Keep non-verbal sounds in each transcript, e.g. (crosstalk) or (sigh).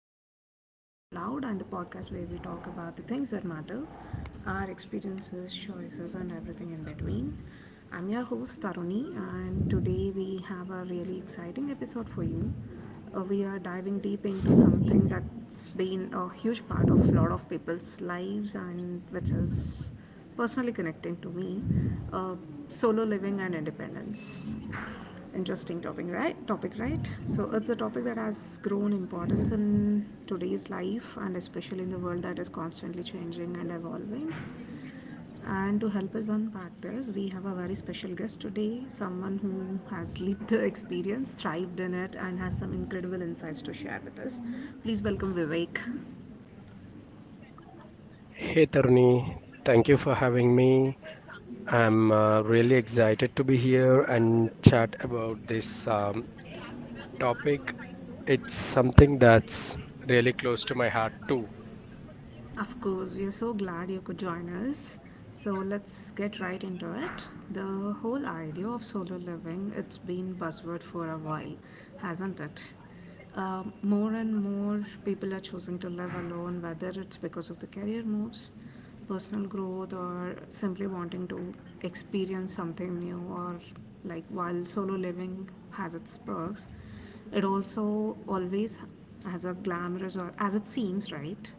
episode of Living Out Loud and the podcast where we talk about the things that matter, our experiences, choices, and everything in between. I'm your host Taruni, and today we have a really exciting episode for you. We are diving deep into something that's been a huge part of a lot of people's lives, and which is personally connecting to me, uh, solo living and independence. Interesting topic, right? So it's a topic that has grown importance in today's life, and especially in the world that is constantly changing and evolving. And to help us unpack this, we have a very special guest today, someone who has (laughs) lived the experience, thrived in it, and has some incredible insights to share with us. Please welcome Vivek. Hey Tarni, thank you for having me. I'm really excited to be here and chat about this topic. It's something that's really close to my heart too. Of course, we are so glad you could join us. So let's get right into it. The whole idea of solo living, it's been buzzword for a while, hasn't it? More and more people are choosing to live alone, whether it's because of the career moves, personal growth, or simply wanting to experience something new. Or, like, while solo living has its perks, it also always has a glamorous, or as it seems, right?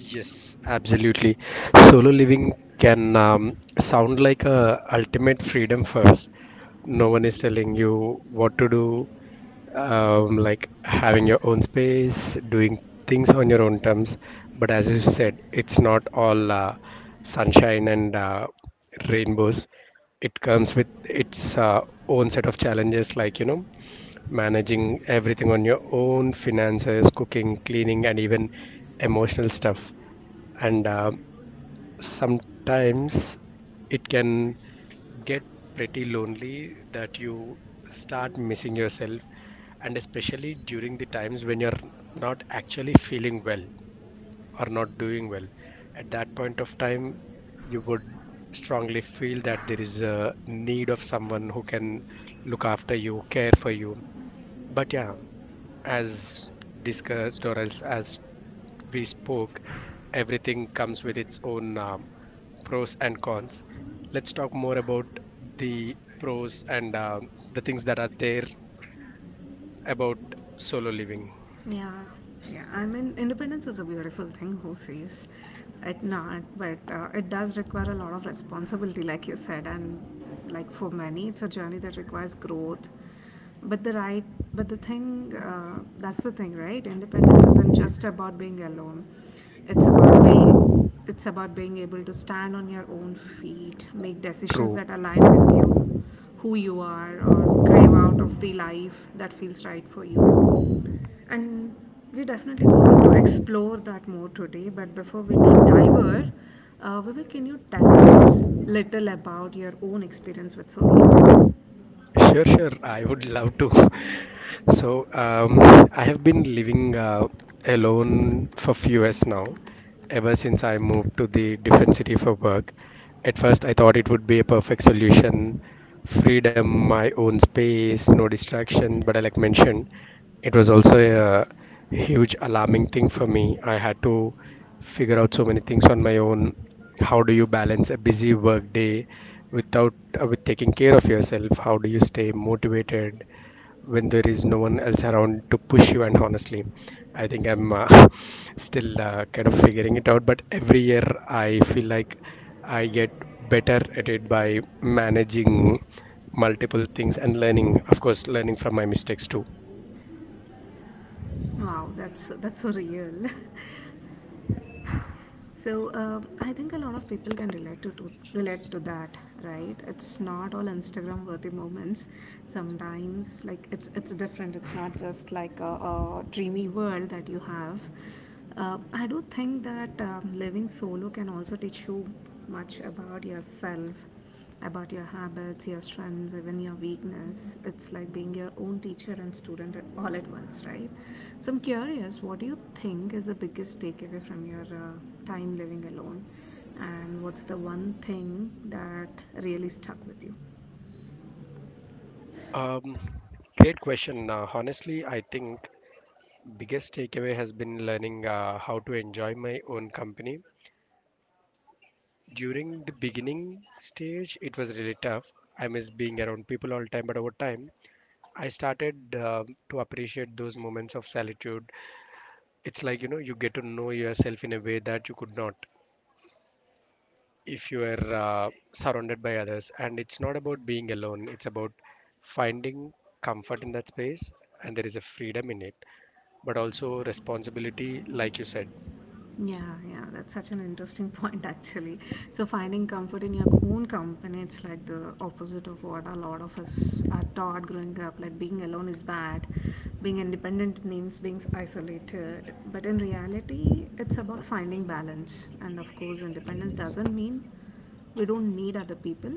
Yes, absolutely. Solo living can sound like a ultimate freedom first. No one is telling you what to do, like having your own space, doing things on your own terms. But as you said, it's not all sunshine and rainbows. It comes with its own set of challenges, like, you know, managing everything on your own finances, cooking, cleaning, and even emotional stuff. And sometimes it can get pretty lonely that you start missing yourself, and especially during the times when you're not actually feeling well or not doing well at that point of time, you would strongly feel that there is a need of someone who can look after you, care for you. But yeah, as discussed, or as we spoke, everything comes with its own pros and cons. Let's talk more about the pros and the things that are there about solo living. Yeah, yeah. I mean, independence is a beautiful thing, who says it not? But it does require a lot of responsibility, like you said, and like for many, it's a journey that requires growth. But the right, but the thing, that's the thing, right? Independence isn't just about being alone. It's about be, it's about being able to stand on your own feet, make decisions True. that align with you, who you are, or crave out of the life that feels right for you. And we're definitely going to explore that more today. But before we deep diver, Vivek, can you tell us little about your own experience with solo living? Sure, sure. I would love to. (laughs) So, I have been living alone for few years now, ever since I moved to the different city for work. At first, I thought it would be a perfect solution, freedom, my own space, no distraction. But I like mentioned, it was also a huge alarming thing for me. I had to figure out so many things on my own. How do you balance a busy work day without with taking care of yourself? How do you stay motivated when there is no one else around to push you? And honestly, I think I'm (laughs) still kind of figuring it out. But every year, I feel like I get better at it by managing multiple things and learning, of course, learning from my mistakes too. Wow, that's so real. (laughs) So I think a lot of people can relate to that, right? It's not all Instagram worthy moments. Sometimes, like it's different. It's not just like a dreamy world that you have. I do think that living solo can also teach you much about yourself, about your habits, your strengths, even your weakness. It's like being your own teacher and student all at once, right? So I'm curious, what do you think is the biggest takeaway from your time living alone? And what's the one thing that really stuck with you? Um, great question. Honestly, I think biggest takeaway has been learning how to enjoy my own company. During the beginning stage, it was really tough. I miss being around people all the time, but over time, I started to appreciate those moments of solitude. It's like, you know, you get to know yourself in a way that you could not if you are surrounded by others. And it's not about being alone, it's about finding comfort in that space, and there is a freedom in it, but also responsibility, like you said. Yeah, yeah, that's such an interesting (laughs) point actually. So finding comfort in your own company, it's like the opposite of what a lot of us are taught growing up. Like being alone is bad, being independent means being isolated. But in reality, it's about finding balance. And of course, independence doesn't mean we don't need other people.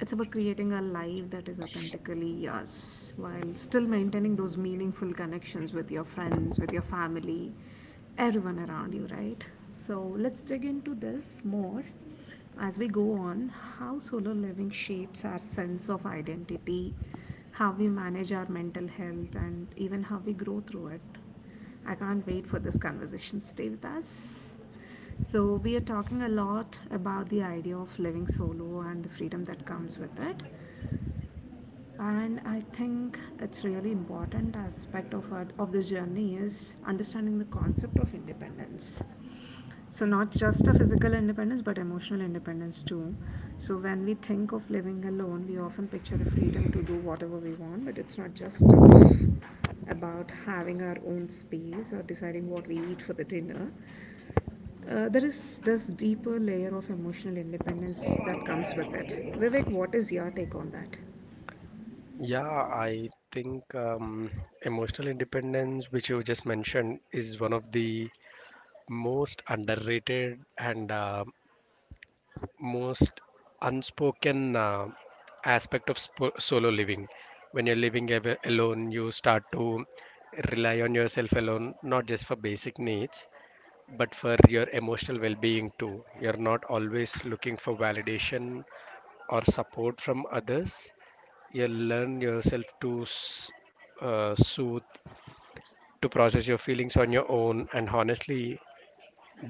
It's about creating a life that is authentically us while still maintaining those meaningful connections with your friends, with your family, everyone around you, right? So let's dig into this more as we go on, how solo living shapes our sense of identity, how we manage our mental health, and even how we grow through it. I can't wait for this conversation. Stay with us. So, we are talking a lot about the idea of living solo and the freedom that comes with it. And I think it's really important aspect of of this journey is understanding the concept of independence. So, not just a physical independence, but emotional independence too. So, when we think of living alone, we often picture the freedom to do whatever we want, but it's not just of about having our own space or deciding what we eat for the dinner. There is this deeper layer of emotional independence that comes with it. Vivek, what is your take on that? Yeah, I think emotional independence, which you just mentioned, is one of the most underrated and most unspoken aspect of solo living. When you're alone, you start to rely on yourself alone, not just for basic needs, but for your emotional well-being too. You're not always looking for validation or support from others. You learn yourself to soothe, to process your feelings on your own. And honestly,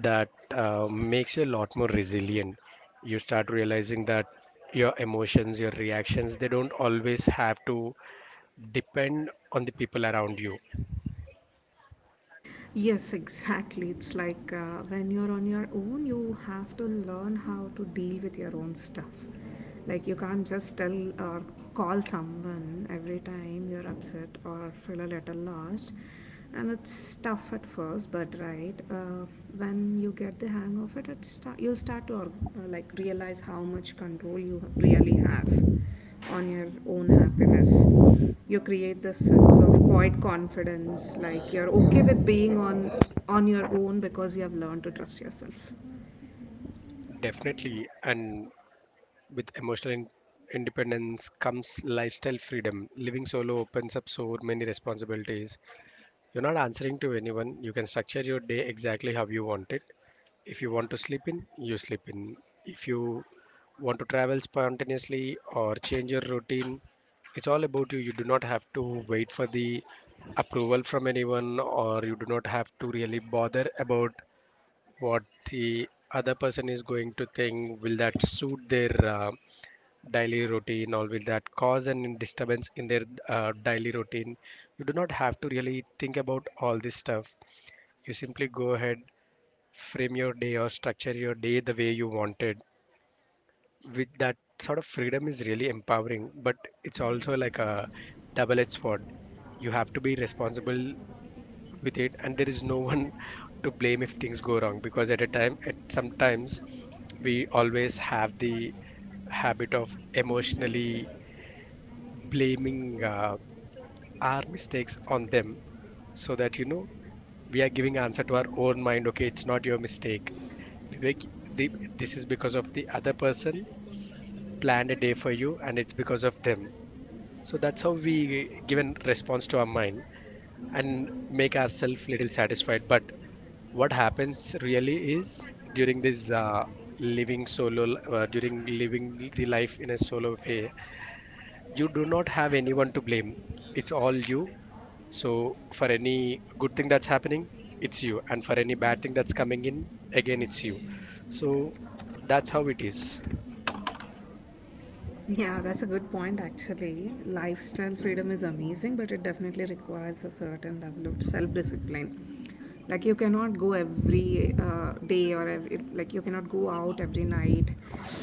that makes you a lot more resilient. You start realizing that your emotions, your reactions, they don't always have to depend on the people around you. Yes, exactly. It's like when you're on your own, you have to learn how to deal with your own stuff. Like, you can't just tell or call someone every time you're upset or feel a little lost. And it's tough at first, but right, when you get the hang of it, you'll start to like realize how much control you really have on your own happiness. You create this sense of quiet confidence, like you're okay with being on your own because you have learned to trust yourself. Definitely. And with emotional independence comes lifestyle freedom. Living solo opens up so many responsibilities. You're not answering to anyone. You can structure your day exactly how you want it. If you want to sleep in, you sleep in. If you want to travel spontaneously or change your routine, it's all about you. You do not have to wait for the approval from anyone, or you do not have to really bother about what the other person is going to think. Will that suit their daily routine? Always that cause an disturbance in their daily routine. You do not have to really think about all this stuff. You simply go ahead, frame your day or structure your day the way you wanted. With that sort of freedom is really empowering, but it's also like a double edged sword. You have to be responsible with it, and there is no one (laughs) to blame if things go wrong. Because at a time, at sometimes, we always have the habit of emotionally blaming our mistakes on them, so that, you know, we are giving answer to our own mind. Okay, it's not your mistake, Vivek, the, this is because of the other person planned a day for you, and it's because of them. So that's how we give a response to our mind and make ourselves little satisfied. But what happens really is, during this living solo, during living the life in a solo way, you do not have anyone to blame. It's all you. So for any good thing that's happening, it's you, and for any bad thing that's coming in, again it's you. So that's how it is. Yeah, that's a good point actually. Lifestyle freedom is amazing, but it definitely requires a certain level of self discipline. Like, you cannot go every day or every, like, you cannot go out every night,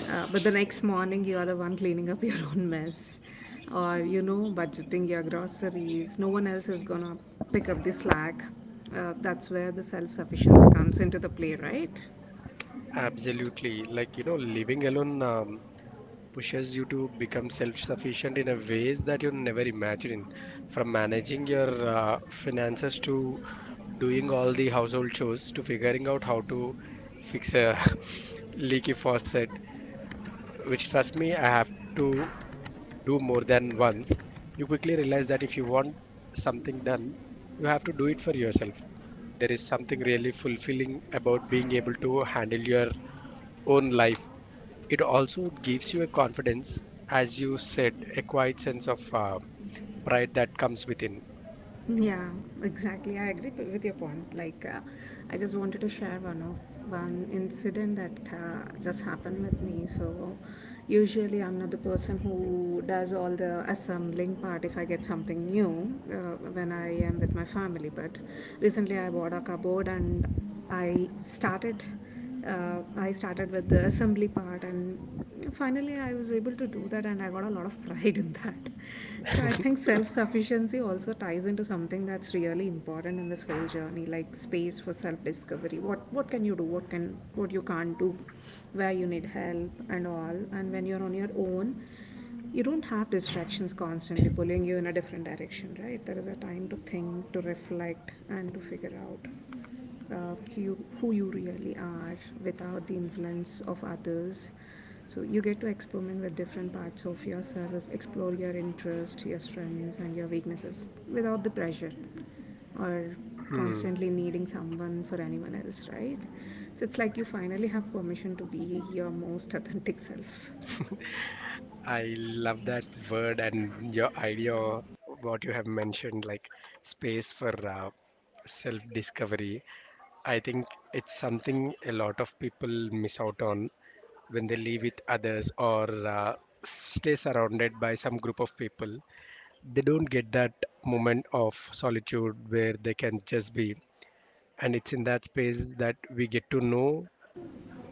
but the next morning you are the one cleaning up (laughs) your own mess or, you know, budgeting your groceries. No one else is gonna pick up the slack. That's where the self sufficiency comes into the play, right? Absolutely. Like, you know, living alone pushes you to become self-sufficient in a ways that you never imagine. From managing your finances, to doing all the household chores, to figuring out how to fix a (laughs) leaky faucet, which, trust me, I have to do more than once, you quickly realize that if you want something done, you have to do it for yourself. There is something really fulfilling about being able to handle your own life. It also gives you a confidence, as you said, a quiet sense of pride that comes within. Yeah, exactly. With your point. Like, I just wanted to share one incident that just happened with me. So, usually I'm not the person who does all the assembling part if I get something new when I am with my family. But recently I bought a cupboard and I started. I started with the assembly part and finally I was able to do that and I got a lot of pride in that. So I think self sufficiency also ties into something that's really important in this whole journey, like space for self discovery. What can you do? What you can't do? Where you need help and all. And when you're on your own, you don't have distractions constantly pulling you in a different direction, right? There is a time to think, to reflect, and to figure out who you really are without the influence of others. So you get to experiment with different parts of yourself, explore your interests, your strengths and your weaknesses, without the pressure or Hmm. constantly needing someone for anyone else, right? So it's like you finally have permission to be your most authentic self. I love that word and your idea, what you have mentioned, like space for self discovery. I think it's something a lot of people miss out on when they live with others, or stay surrounded by some group of people. They don't get that moment of solitude where they can just be. And it's in that space that we get to know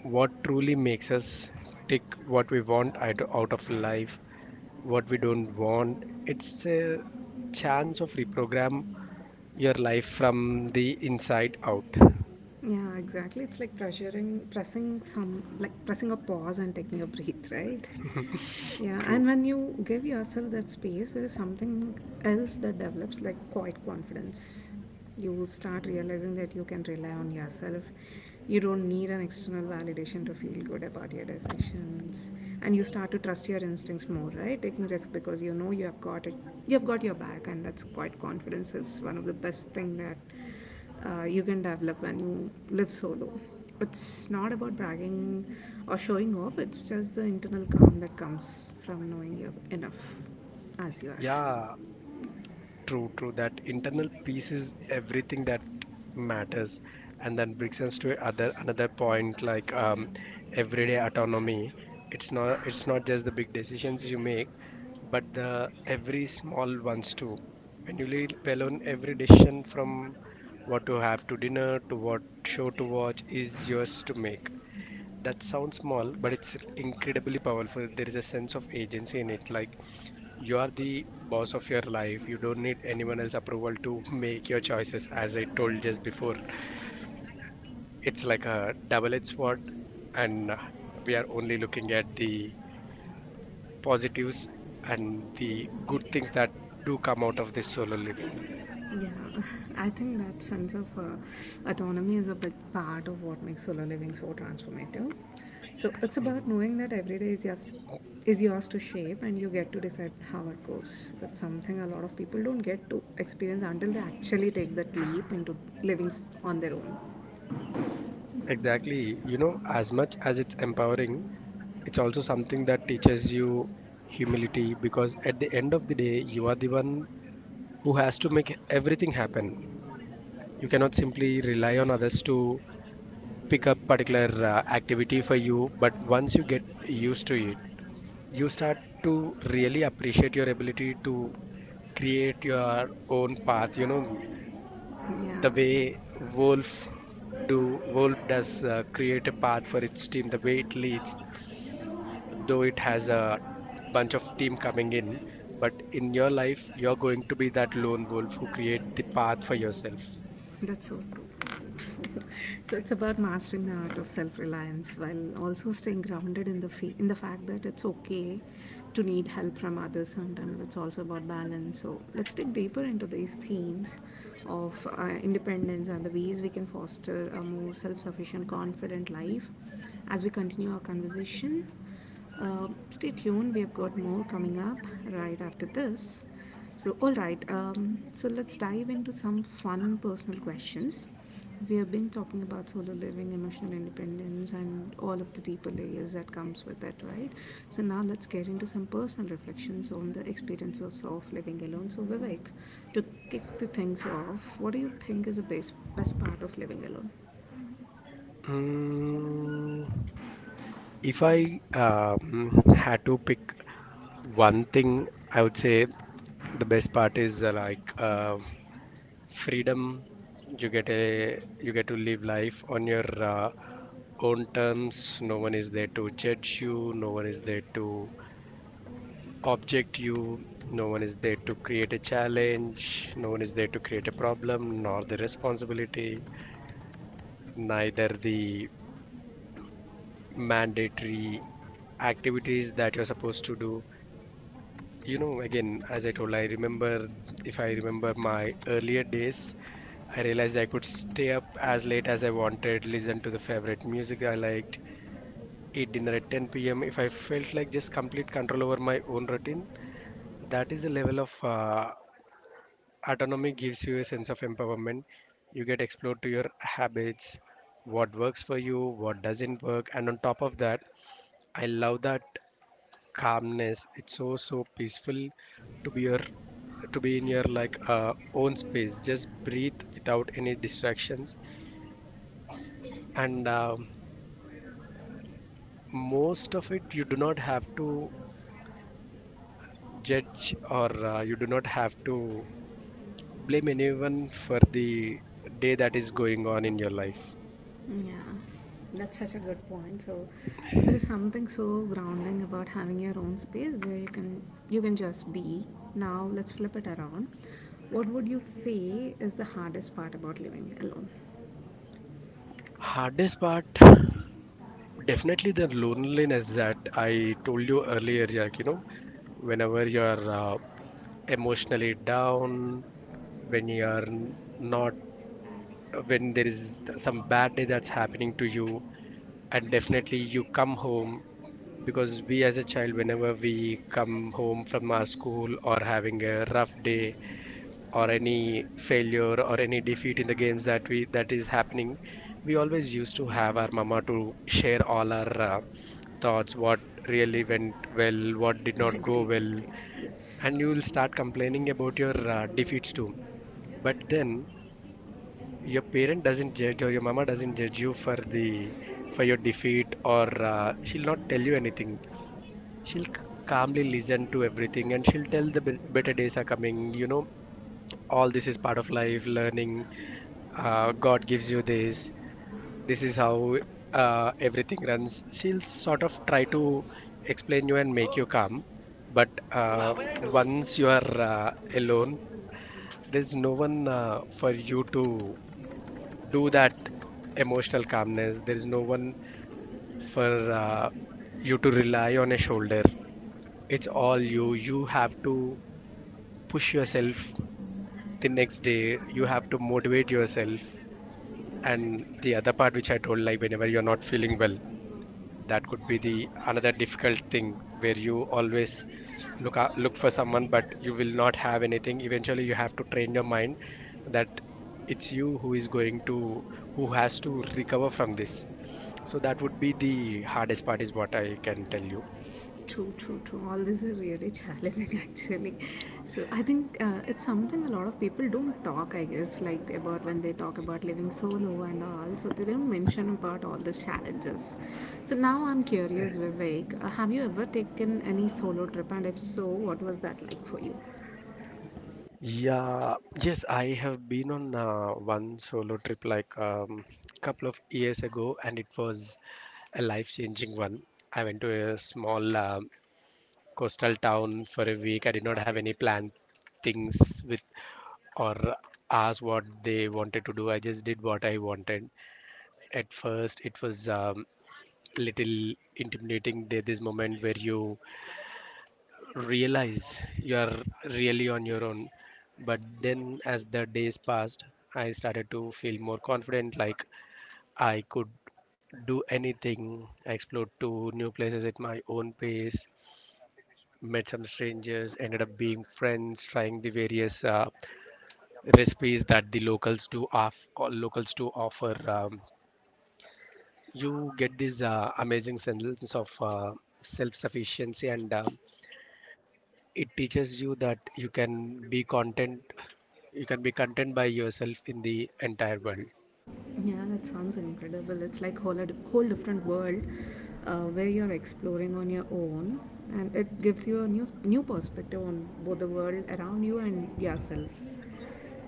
what truly makes us, take what we want out of life, what we don't want. It's a chance of reprogram your life from the inside out. Yeah, exactly. It's like like pressing a pause and taking a breath, right? Yeah, True. and when you give yourself that space, there is something else that develops, like quiet confidence. You start realizing that you can rely on yourself. You don't need an external validation to feel good about your decisions, and you start to trust your instincts more, right? Taking risk because you know you have got it, you have got your back, and that's quite confidence is one of the best thing that you can develop when you live solo. It's not about bragging or showing off, it's just the internal calm that comes from knowing you're enough as you are. Yeah, true, true. That internal peace is everything that matters. And then brings us to other another point, like everyday autonomy. It's not just the big decisions you make, but the every small ones too. When you leave alone, every decision, from what to have to dinner to what show to watch, is yours to make. That sounds small, but it's incredibly powerful. There is a sense of agency in it, like you are the boss of your life. You don't need anyone else' approval to make your choices. As I told just before, it's like a double edged sword, and we are only looking at the positives and the good things that do come out of this solo living. Yeah, (laughs) I think that sense of autonomy is a big part of what makes solo living so transformative. So it's about knowing that every day is yours, to shape and you get to decide how it goes. That's something a lot of people don't get to experience until they actually take that leap into on their own. Exactly. You know, as much as it's empowering, it's also something that teaches you humility, because at the end of the day, you are the one who has to make everything happen. You cannot simply rely on others to pick up particular activity for you. But once you get used to it, you start to really appreciate your ability to create your own path, you know. Yeah, The way wolf do wolf does create a path for its team, the way it leads, though it has a bunch of team coming in, but in your life, you're going to be that lone wolf who create the path for yourself. that's so true. That's so true. (laughs) So it's about mastering the art of self-reliance while also staying grounded in in the fact that it's okay to need help from others. Sometimes it's also about balance. So let's dig deeper into these themes of independence and the ways we can foster a more self-sufficient, confident life as we continue our conversation. Stay tuned, we have got more coming up right after this. So, all right, so let's dive into some fun personal questions. We have been talking about solo living, emotional independence, and all of the deeper layers that comes with it, right? So now let's get into some personal reflections on the experiences of living alone. So Vivek, to kick the things off, what do you think is the best part of living alone? Mm, if I had to pick one thing, I would say the best part is like freedom. You get to live life on your own terms. No one is there to judge you. No one is there to object you. No one is there to create a challenge. No one is there to create a problem, nor the responsibility, neither the mandatory activities that you're supposed to do. You know, again, as I told, I remember if I remember my earlier days, I realized I could stay up as late as I wanted, listen to the favorite music I liked, eat dinner at 10 p.m if I felt like, just complete control over my own routine. That is the level of autonomy, gives you a sense of empowerment. You get explored to your habits, what works for you, what doesn't work. And on top of that, I love that calmness. It's so peaceful to be your, to be in your like own space. Just breathe without any distractions, and most of it, you do not have to judge, or you do not have to blame anyone for the day that is going on in your life. Yeah, that's such a good point. So there is something so grounding about having your own space where you can just be. Now let's flip it around. What would you say is the hardest part about living alone? Hardest part, definitely the loneliness that I told you earlier. Like whenever you are uh, emotionally down when you are n- not when there is some bad day that's happening to you. And definitely you come home because we as a child, whenever we come home from our school or having a rough day or any failure or any defeat in the games that is happening, we always used to have our mama to share all our thoughts, what really went well, what did not go Agreed, well. agreed. Yes. And you will start complaining about your defeats too, but then your parent doesn't judge, or your mama doesn't judge you for the for your defeat, or she'll not tell you anything. She'll calmly listen to everything, and she'll tell the better days are coming, you know. All this is part of life learning. God gives you this. This is how, everything runs. She'll sort of try to explain you and make you calm. But once you are alone, there's no one, for you to do that emotional calmness. There is no one for, you to rely on a shoulder. It's all you. You have to push yourself the next day. You have to motivate yourself. And the other part, which I told, like, whenever you're not feeling well, that could be the another difficult thing where you always look for someone, but you will not have anything. Eventually, you have to train your mind that it's you who is going to who has to recover from this. So that would be the hardest part, is what I can tell you. True, true, true. All this is really (laughs) challenging, actually. So I think it's something a lot of people don't talk, I guess, like about when they talk about living solo and all. So they don't mention about all the challenges. So now I'm curious, Vivek, have you ever taken any solo trip, and if so, what was that like for you? Yeah, yes, I have been on one solo trip, like, couple of years ago, and it was a life-changing one. I went to a small coastal town for a week. I did not have any planned things with, or ask what they wanted to do. I just did what I wanted. At first, it was, little intimidating. There, this moment where you realize you are really on your own. But then, as the days passed, I started to feel more confident, like I could do anything. I explored to new places at my own pace, met some strangers, ended up being friends, trying the various recipes that the locals do offer. You get this amazing sense of self-sufficiency, and it teaches you that you can be content by yourself in the entire world. Yeah, that sounds incredible. It's like whole different world where you're exploring on your own, and it gives you a new perspective on both the world around you and yourself.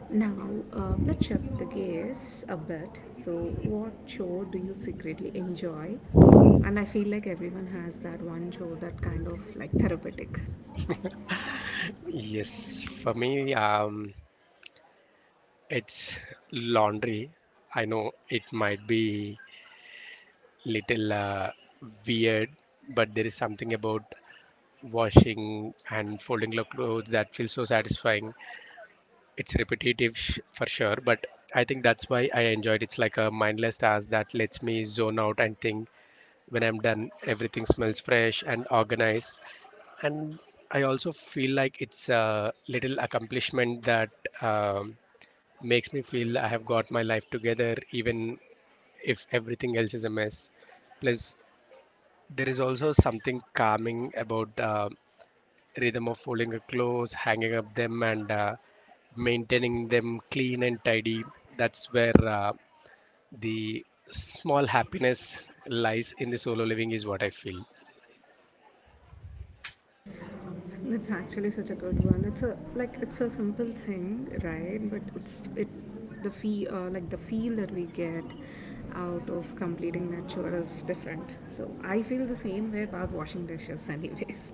Now, let's shift the gears a bit. So, what show do you secretly enjoy? And I feel like everyone has that one show that kind of like therapeutic. Yes, for me, it's laundry. I know it might be little weird, but there is something about washing and folding the clothes that feels so satisfying. It's repetitive for sure, but I think that's why I enjoyed it. It's like a mindless task that lets me zone out and think. When I'm done, everything smells fresh and organized, and I also feel like it's a little accomplishment that, um, makes me feel I have got my life together, even if everything else is a mess. Plus, there is also something calming about, rhythm of folding the clothes, hanging up them, and maintaining them clean and tidy. That's where, the small happiness lies in the solo living, is what I feel. That's actually such a good one. It's a simple thing, right? But it's it the fee like the feel that we get out of completing that chore is different. So I feel the same way about washing dishes, (laughs) anyways.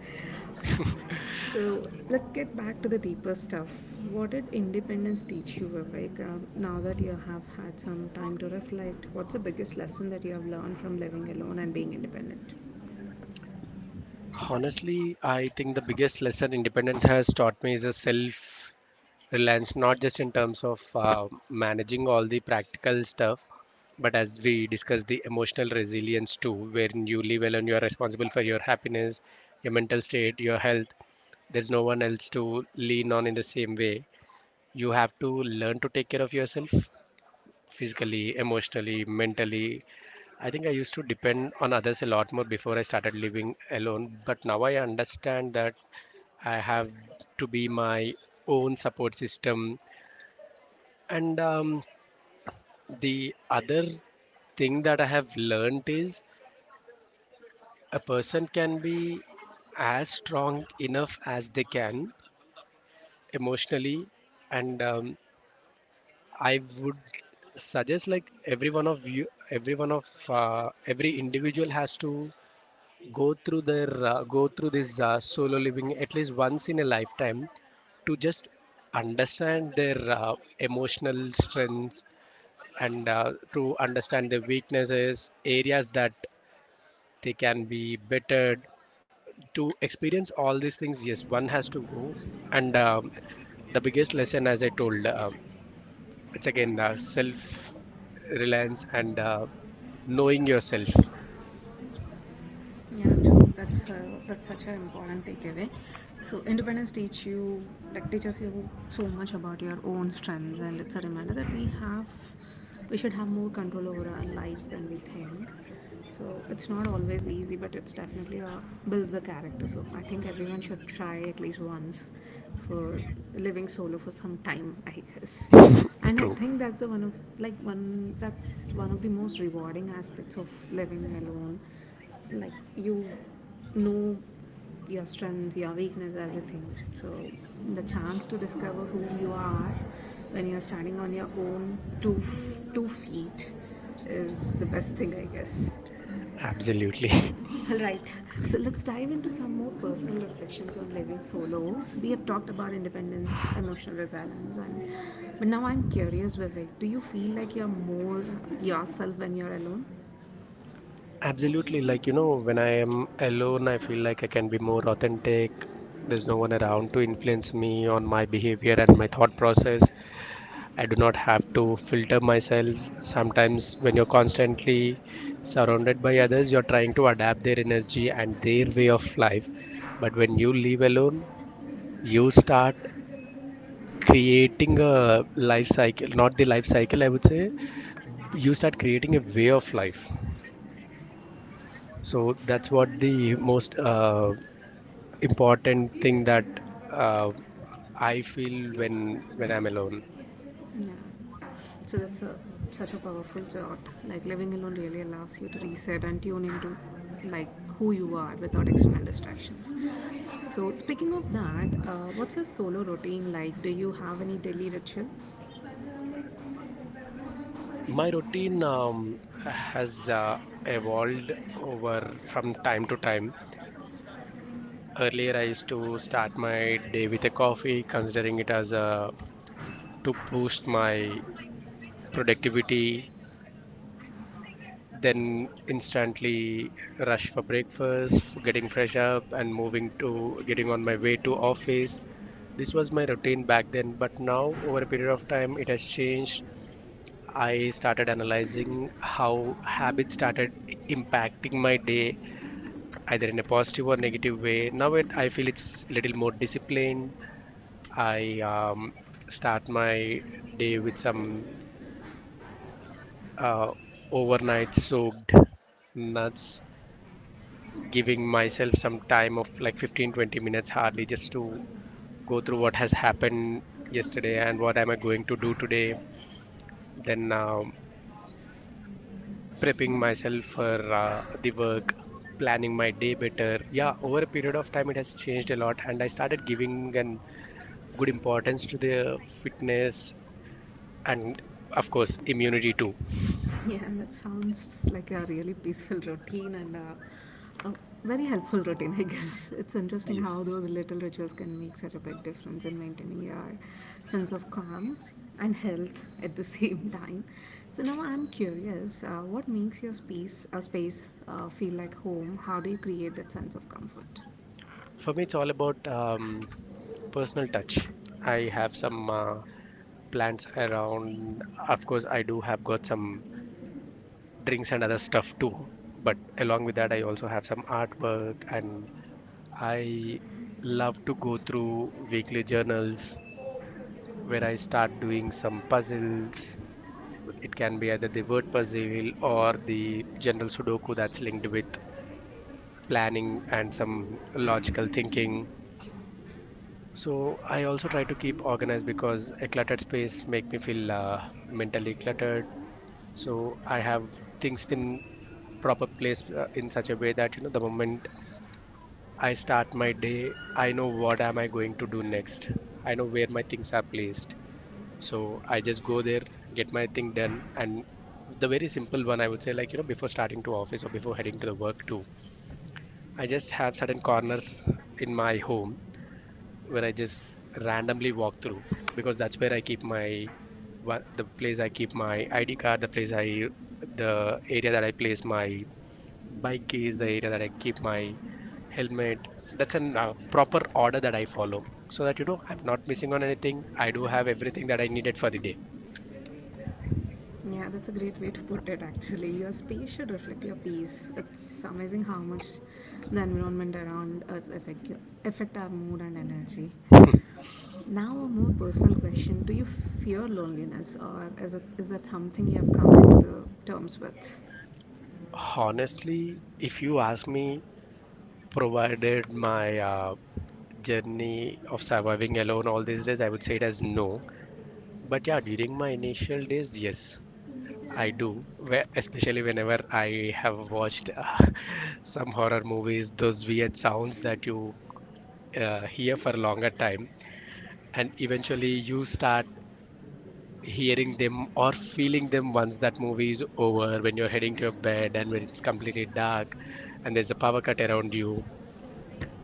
So let's get back to the deeper stuff. What did independence teach you, Vivek? Now that you have had some time to reflect, what's the biggest lesson that you have learned from living alone and being independent? Honestly, I think the biggest lesson independence has taught me is a self reliance, not just in terms of managing all the practical stuff, but as we discussed, the emotional resilience too, wherein you live alone, you are responsible for your happiness, your mental state, your health. There's no one else to lean on in the same way. You have to learn to take care of yourself physically, emotionally, mentally. I think I used to depend on others a lot more before I started living alone, but now I understand that I have to be my own support system. And the other thing that I have learned is a person can be as strong enough as they can emotionally, and I would suggest, like, every one of you, every one of every individual has to go through this solo living at least once in a lifetime to just understand their emotional strengths, and to understand their weaknesses areas that they can be bettered, to experience all these things. Yes, one has to go. And the biggest lesson, as I told, it's again self reliance, and knowing yourself. Yeah, true. That's such an important takeaway. So independence teach you like teaches you so much about your own strengths, and it's a reminder that we should have more control over our lives than we think. So it's not always easy, but it's definitely builds the character. So I think everyone should try at least once for living solo for some time, I guess. And I True. think that's the one of like one that's one of the most rewarding aspects of living alone, like, you know, your strengths, your weakness, everything. So the chance to discover who you are when you're standing on your own two feet is the best thing, I guess. Absolutely. (laughs) All right, so let's dive into some more personal reflections on living solo. We have talked about independence, emotional resilience, and but now I'm curious, Vivek, do you feel like you're more yourself when you're alone? Absolutely. Like, you know, when I am alone, I feel like I can be more authentic. There's no one around to influence me on my behavior and my thought process. I do not have to filter myself. Sometimes, when you're constantly surrounded by others, you're trying to adapt their energy and their way of life. But when you live alone, you start creating a life cycle, not the life cycle, I would say, you start creating a way of life. So that's what the most important thing that, uh, I feel when I'm alone. Yeah. So that's a such a powerful thought. Like living alone really allows you to reset and tune into, like, who you are without external distractions. So speaking of that, what's your solo routine like? Do you have any daily ritual? My routine, has evolved over from time to time. Earlier, I used to start my day with a coffee, considering it as a to boost my productivity. Then instantly rush for breakfast, getting fresh up, and moving to getting on my way to office. This was my routine back then, but now over a period of time it has changed. I started analyzing how habits started impacting my day, either in a positive or negative way. I feel it's a little more disciplined. I, start my day with some, uh, overnight soaked nuts, giving myself some time of like 15 to 20 minutes hardly, just to go through what has happened yesterday and what am I going to do today. Then, prepping myself for the work, planning my day better. Yeah, over a period of time, it has changed a lot, and I started giving an good importance to the fitness and, of course, immunity too. (laughs) Yeah, that sounds like a really peaceful routine and a very helpful routine, I guess. (laughs) It's interesting how Yes, those little rituals can make such a big difference in maintaining your sense of calm and health at the (laughs) same time. So now I'm curious, what makes your space feel like home? How do you create that sense of comfort? for me, it's all about, personal touch. I have some plants around. Of course, I do have got some drinks and other stuff too. But along with that, I also have some artwork, and I love to go through weekly journals where I start doing some puzzles. It can be either the word puzzle or the general Sudoku that's linked with planning and some logical thinking. So I also try to keep organized because a cluttered space make me feel, mentally cluttered. So I have things in proper place in such a way that, you know, the moment I start my day, I know what am I going to do next. I know where my things are placed. So I just go there, get my thing done, and the very simple one I would say, like, you know, before starting to office or before heading to the work too, I just have certain corners in my home where I just randomly walk through, because that's where I keep my ID card, the area that I place my bike keys, the area that I keep my helmet. That's an proper order that I follow so that, you know, I'm not missing on anything. I do have everything that I needed for the day. Yeah, that's a great way to put it actually. Your space should reflect your peace. It's amazing how much the environment around affect our mood and energy. Now a more personal question. Do you fear loneliness, or is that something you have come into the terms with? Honestly, if you ask me, provided my journey of surviving alone all these days, I would say it as no. But yeah, during my initial days, yes, I do. Where, especially whenever I have watched (laughs) some horror movies, those weird sounds that you hear for a longer time, and eventually you start hearing them or feeling them once that movie is over, when you're heading to your bed and when it's completely dark and there's a power cut around you.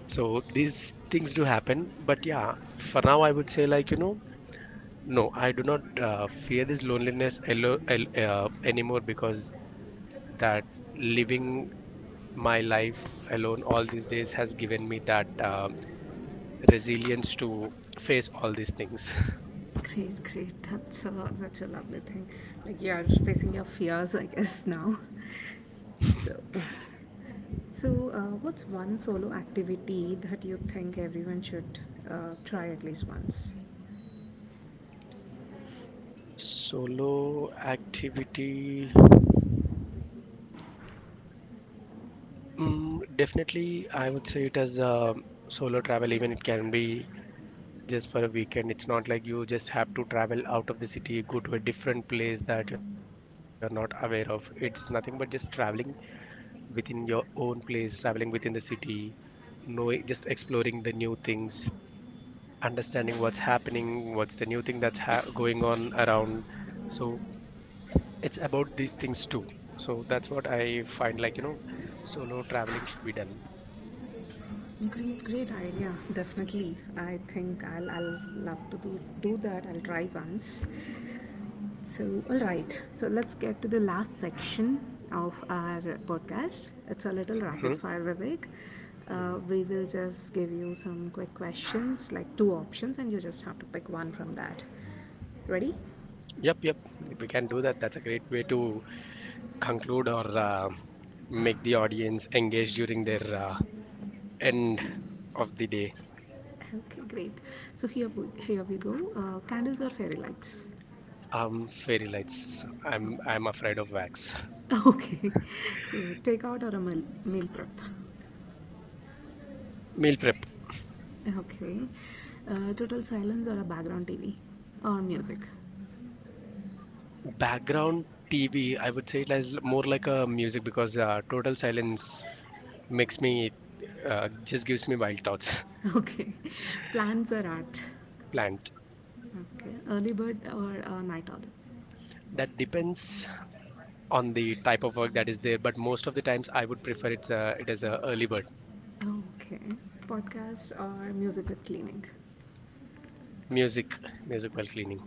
So these things do happen, but yeah, for now I would say, like, you know, no, I do not fear this loneliness anymore, because that living my life alone all these days has given me that resilience to face all these things. (laughs) Great, great. That's such a lovely thing. Like you're facing your fears, I guess, now. (laughs) So So, what's one solo activity that you think everyone should try at least once? Solo activity, mm, definitely I would say it as a solo travel. Even it can be just for a weekend. It's not like you just have to travel out of the city, go to a different place that you're not aware of. It's nothing but just traveling within your own place, traveling within the city, knowing, just exploring the new things, understanding what's happening, what's the new thing that's going on around. So it's about these things too. So that's what I find, like, you know, solo traveling should be done. Great, great idea. Definitely, I think I'll love to do that. I'll try once. So, all right. So let's get to the last section of our podcast. It's a little Hmm. rapid fire, Vivek. We will just give you some quick questions, like two options, and you just have to pick one from that. Ready? Yep, yep. We can do that. That's a great way to conclude, or make the audience engage during their, end of the day. Okay, great. So here we go. Candles or fairy lights? Fairy lights. I'm Okay. afraid of wax. (laughs) Okay. So takeout or a meal prep? Meal prep. Okay. Total silence or a background TV? Or music? Background TV. I would say it is more like a music because total silence makes me, just gives me wild thoughts. Okay. (laughs) Plants or art? (laughs) Plant. Okay. Early bird or a night owl? That depends on the type of work that is there, but most of the times I would prefer it as a early bird. Okay. Podcast or music with cleaning? Music, music while cleaning.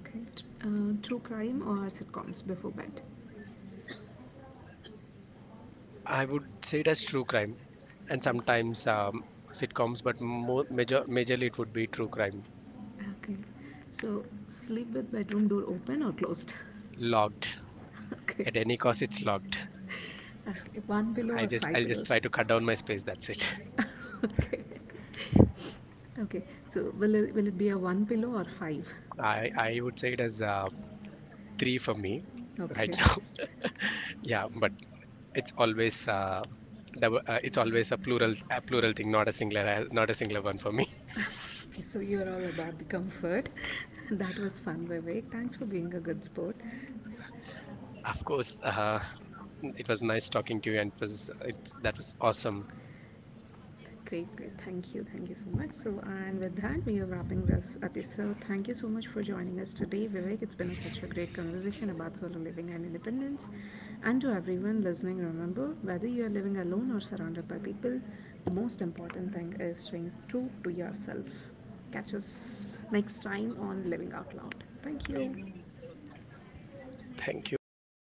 Okay. True crime or sitcoms before bed? I would say it as true crime, and sometimes, sitcoms, but majorly it would be true crime. Okay. So sleep with bedroom door open or closed? Logged (laughs) Okay. at any cost, it's logged. Okay. One pillow I or just I'll five just try pillows? to cut down my space. That's it. (laughs) Okay. Okay. So will it be a one pillow or five? (laughs) I would say it as, three for me right (laughs) Okay. now. Yeah, but it's always, double, it's always a plural thing, not a singular, not a singular one for me. (laughs) (laughs) Okay, so you're all about the comfort. (laughs) That was fun, Vivek. Thanks for being a good sport. Of course, it was nice talking to you, and it was it's that was awesome. Great, great. Thank you. Thank you so much. So, and with that, we are wrapping this episode. Thank you so much for joining us today, Vivek. It's such a great conversation about solo living and independence. And to everyone listening, remember, whether you are living alone or surrounded by people, the most important thing is staying true to yourself. Catch us next time on Living Out Loud. Thank you. Thank you. Bye bye.